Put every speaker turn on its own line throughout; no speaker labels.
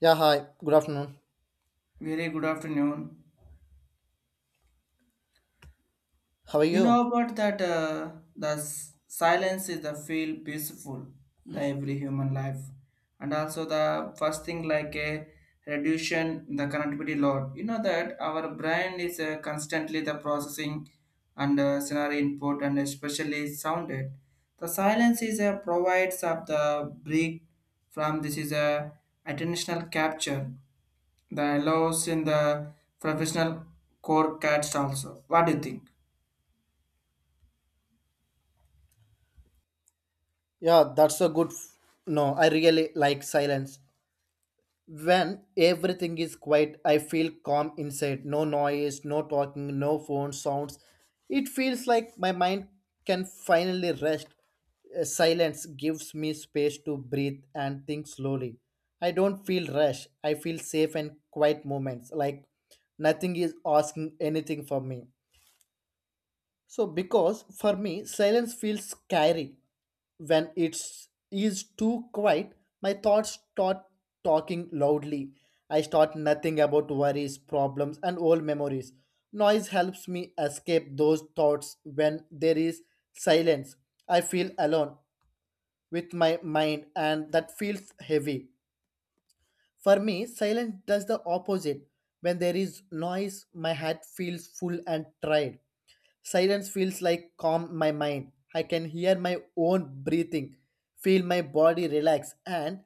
Yeah, hi. Good afternoon.
Very good afternoon.
How are
You
you?
know about that the silence is the feel peaceful the every human life, and also the first thing like a reduction the connectivity load. You know that our brain is constantly the processing and scenario input and especially sounded. The silence is a provides of the break from this is a attentional capture the allows in the professional core cats also. What do you think?
Yeah, that's a good. F- No, I really like silence. When everything is quiet, I feel calm inside. No noise, no talking, no phone sounds. It feels like my mind can finally rest. Silence gives me space to breathe and think slowly. I don't feel rush. I feel safe and quiet moments, like nothing is asking anything from me. So, because for me, silence feels scary when it's is too quiet. My thoughts start talking loudly. I start nothing about worries, problems, and old memories. Noise helps me escape those thoughts when there is silence. I feel alone with my mind, and that feels heavy. For me, silence does the opposite. When there is noise, my head feels full and tired. Silence feels like calm my mind. I can hear my own breathing, feel my body relax and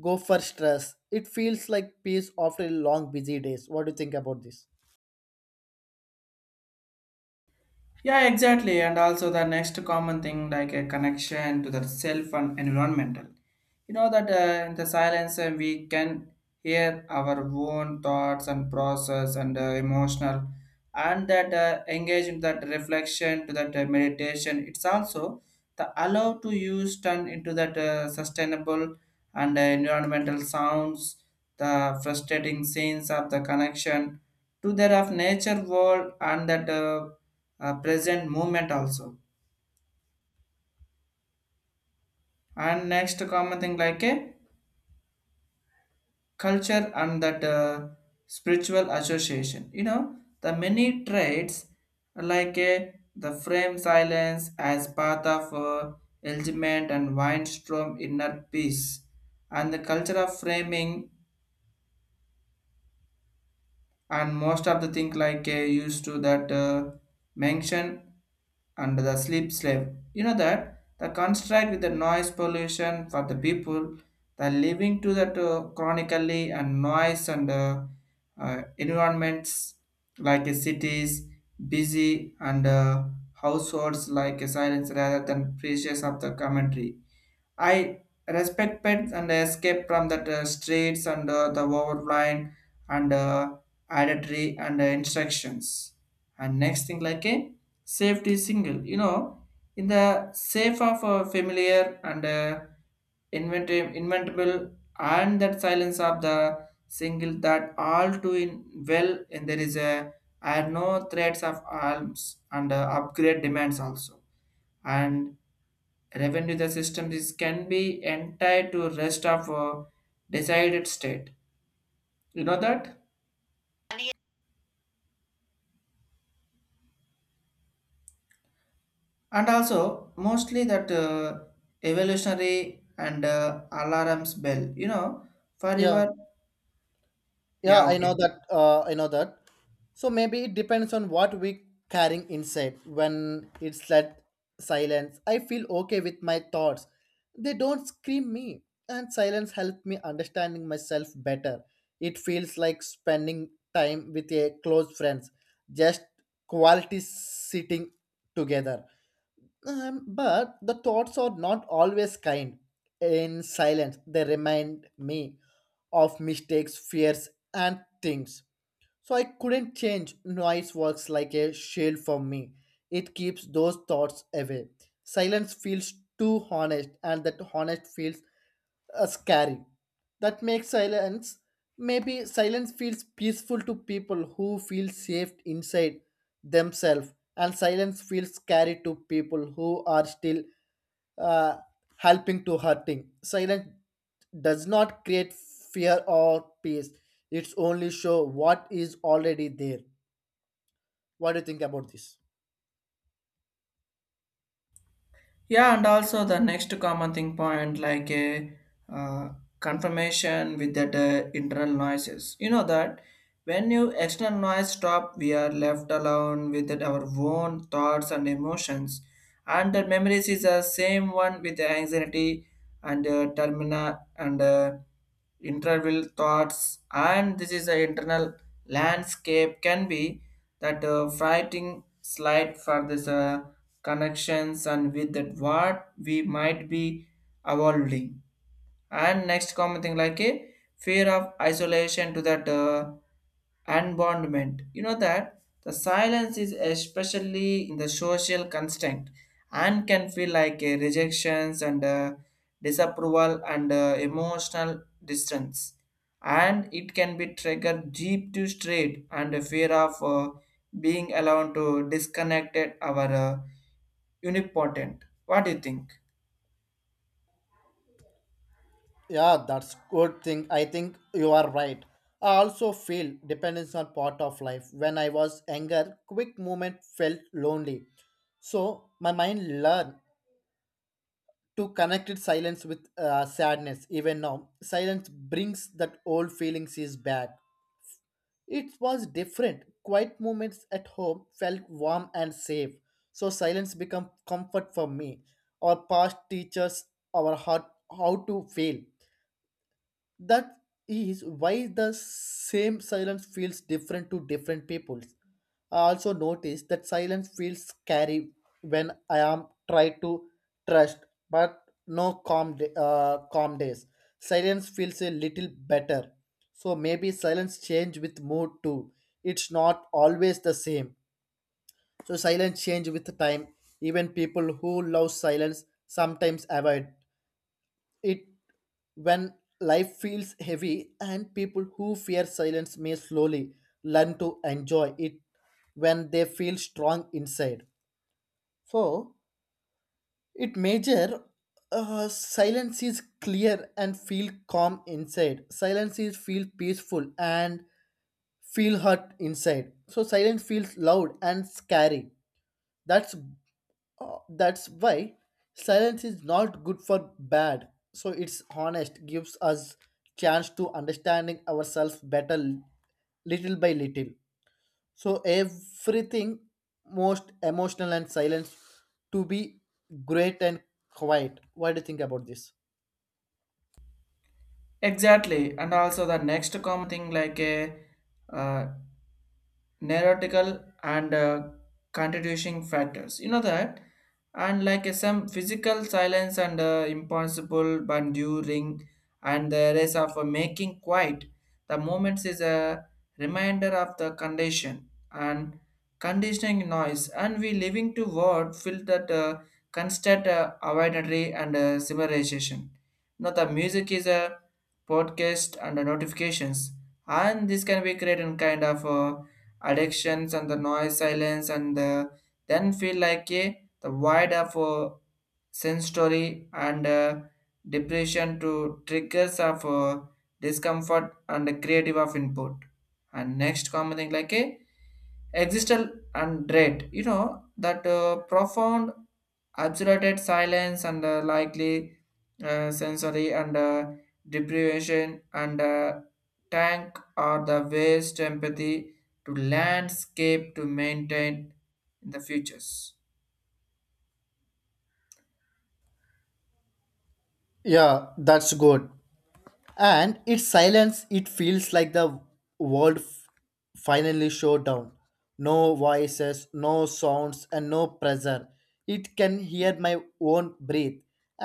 go for stress. It feels like peace after a long busy days. What do you think about this?
Yeah, exactly. And also the next common thing like a connection to the self and environmental. You know that in the silence we can hear our own thoughts and process and emotional and that engage in that reflection to that meditation. It's also the allow to use turn into that sustainable and the environmental sounds, the frustrating scenes of the connection to that of nature world and that present moment also. And next common thing like a culture and that spiritual association. You know the many traits like a the frame silence as path of element and windstorm inner peace and the culture of framing and most of the thing like used to that mention and the sleep slave. You know that the construct with the noise pollution for the people, the living to that chronically and noise and environments like cities, busy and households like silence rather than precious of the commentary I respect pets and escape from the streets and the overline and adultery and instructions. And next thing like a safety single, you know, in the safe of a familiar and inventable and that silence of the single that all do in well and there is a are no threats of arms and upgrade demands also. And revenue the system is can be entire to rest of decided state, you know, that and also mostly that evolutionary and alarms bell, you know, for
Yeah.
your
Yeah,
yeah.
I know
Okay.
that. I know that. So maybe it depends on what we carrying inside. When it's that silence, I feel okay with my thoughts. They don't scream me, and silence helps me understanding myself better. It feels like spending time with a close friends, just quality sitting together. But the thoughts are not always kind. In silence, they remind me of mistakes, fears, and things. So I couldn't change. Noise works like a shield for me. It keeps those thoughts away. Silence feels too honest, and that honest feels scary. That makes silence. Maybe silence feels peaceful to people who feel safe inside themselves, and silence feels scary to people who are still uh, helping to hurting. Silence does not create fear or peace. It's only show what is already there. What do you think about this?
Yeah, and also the next common thing point like a uh, confirmation with that internal noises. You know that when you external noise stop, we are left alone with that our own thoughts and emotions, and the memories is the same one with the anxiety and termina and interval thoughts and this is the internal landscape can be that fighting slide for this connections and with that what we might be evolving and next common thing like a fear of isolation to that unbondment. You know that the silence is especially in the social construct and can feel like a rejections and disapproval and emotional distance. And it can be triggered deep to straight and a fear of being allowed to disconnect our unipotent. What do you think?
Yeah, that's good thing. I think you are right. I also feel dependence on part of life. When I was younger, quick movement felt lonely. So my mind learned to connect it silence with sadness. Even now, silence brings that old feelings is back. It was different. Quiet moments at home felt warm and safe. So silence became comfort for me. Our past teaches our heart how to feel. That is why the same silence feels different to different peoples. I also notice that silence feels scary when I am try to trust, but no calm da- calm days. Silence feels a little better. So maybe silence change with mood too. It's not always the same. So silence change with time. Even people who love silence sometimes avoid it when life feels heavy and people who fear silence may slowly learn to enjoy it when they feel strong inside for it major, silence is clear and feel calm inside silence is feel peaceful and feel hurt inside so silence feels loud and scary. that's that's why silence is not good for bad. So it's honest, gives us chance to understanding ourselves better little by little. So everything most emotional and silence to be great and quiet. What do you think about this?
Exactly, and also the next common thing like a uh, neurotical and constituting factors. You know that, and like some physical silence and impossible but during and the race of making quiet. The moments is a reminder of the condition and conditioning noise, and we living to word feel that constant avoidantry and similarization. Now the music is a podcast and notifications, and this can be created in kind of. Addictions and the noise silence and the, then feel like a the void of sensory and depression to triggers of discomfort and creative of input and next common thing like a existential and dread. You know that profound absolute silence and likely sensory and deprivation and tank are the waste empathy to landscape to maintain in the futures.
Yeah, that's good. And its silence it feels like the world f- finally shut down, no voices, no sounds, and no pressure. It can hear my own breath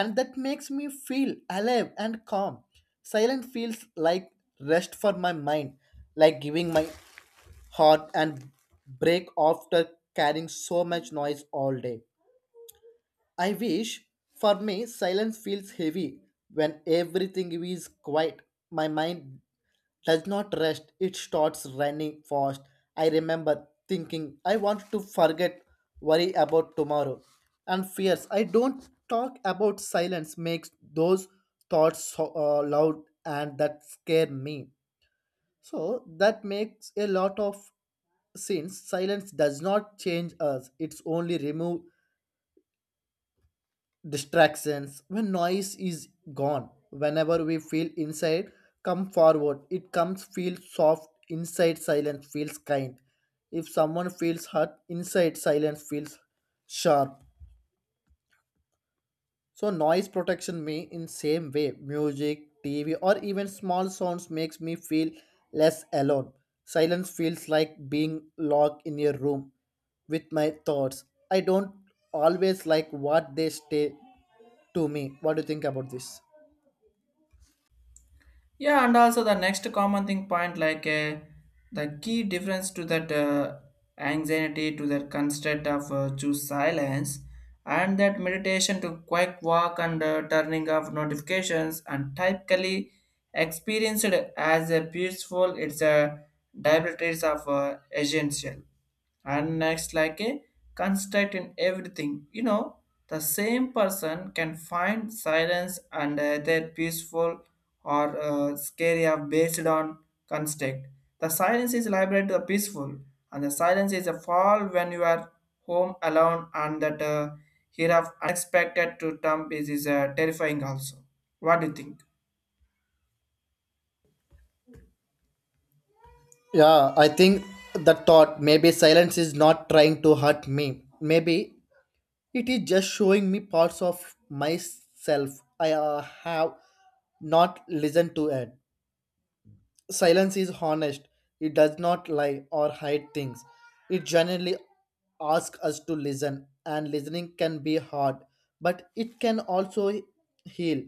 and that makes me feel alive and calm. Silence feels like rest for my mind, like giving my heart and break after carrying so much noise all day. I wish for me silence feels heavy when everything is quiet. My mind does not rest, it starts running fast. I remember thinking I want to forget, worry about tomorrow, and fears. I don't talk about silence, makes those thoughts so, loud and that scare me. So that makes a lot of sense. Silence does not change us, it's only remove distractions when noise is gone. Whenever we feel inside come forward it comes feel soft inside silence feels kind. If someone feels hurt inside silence feels sharp. So noise protection me in same way music tv or even small sounds makes me feel less alone. Silence feels like being locked in a room with my thoughts. I don't always like what they stay to me. What do you think about this?
Yeah, and also the next common thing point like the key difference to that anxiety to that constraint of choose silence and that meditation to quick walk and turning off notifications and typically experienced as a peaceful, it's a diabetes of essential and next, like a construct in everything. You know, the same person can find silence and either peaceful or scary are based on construct. The silence is liberate to the peaceful, and the silence is a fall when you are home alone and that here of unexpected to term is terrifying also. What do you think?
Yeah, I think the thought maybe silence is not trying to hurt me. Maybe it is just showing me parts of myself I have not listened to it. Silence is honest. It does not lie or hide things. It generally asks us to listen, and listening can be hard, but it can also heal.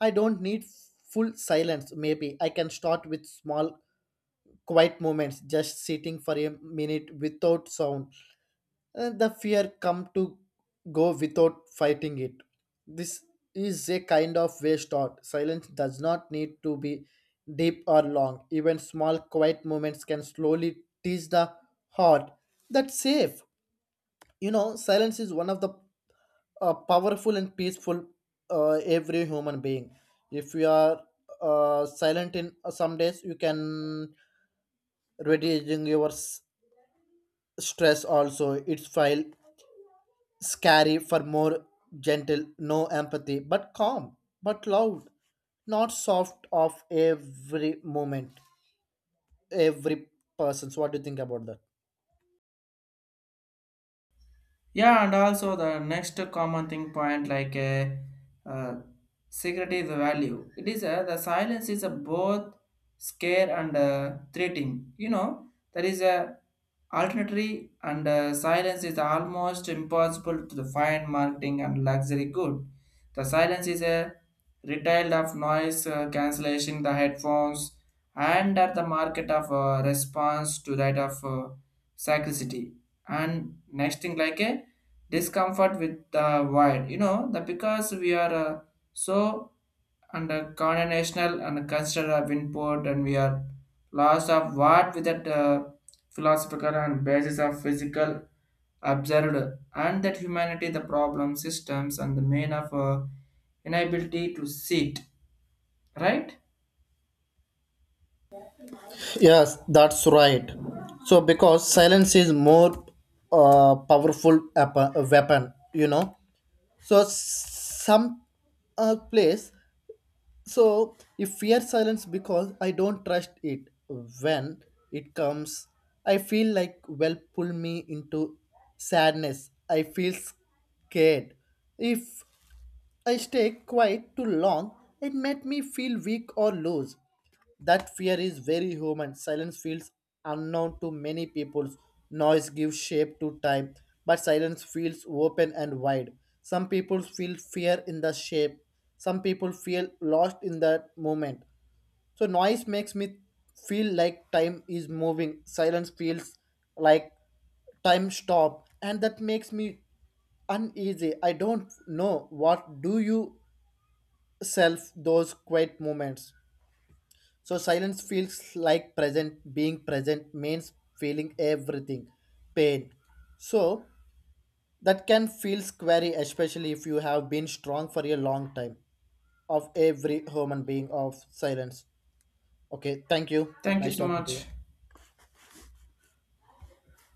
I don't need full silence. Maybe I can start with small quiet moments, just sitting for a minute without sound. The fear come to go without fighting it. This is a kind of way thought. Silence does not need to be deep or long. Even small quiet moments can slowly teach the heart that's safe. You know, silence is one of the powerful and peaceful every human being. If you are silent in some days, you can reducing your stress also. It's file scary for more gentle no empathy but calm but loud not soft of every moment every person. So what do you think about that?
Yeah, and also the next common thing point like a uh, uh, security is a value. It is a, the silence is a both scare and threatening. You know there is a alternatory and silence is almost impossible to the fine marketing and luxury good. The silence is a retail of noise cancellation, the headphones, and at the market of response to that of scarcity and next thing like a discomfort with the wild. You know the, because we are so under national and consider of import and we are lost of what with that philosophical and basis of physical observed and that humanity the problem systems and the main of inability to see it right.
Yes, that's right. So because silence is more weapon, you know, so some place. So, if fear silence because I don't trust it when it comes, I feel like well pull me into sadness. I feel scared. If I stay quiet too long, it made me feel weak or loose. That fear is very human. Silence feels unknown to many people. Noise gives shape to time, but silence feels open and wide. Some people feel fear in the shape. Some people feel lost in that moment. So noise makes me feel like time is moving. Silence feels like time stop and that makes me uneasy. I don't know what do you self those quiet moments. So silence feels like present. Being present means feeling everything, pain. So that can feel scary, especially if you have been strong for a long time. Of every human being of silence. Okay, thank you.
Thank you
Nice
so
talking to you.
much.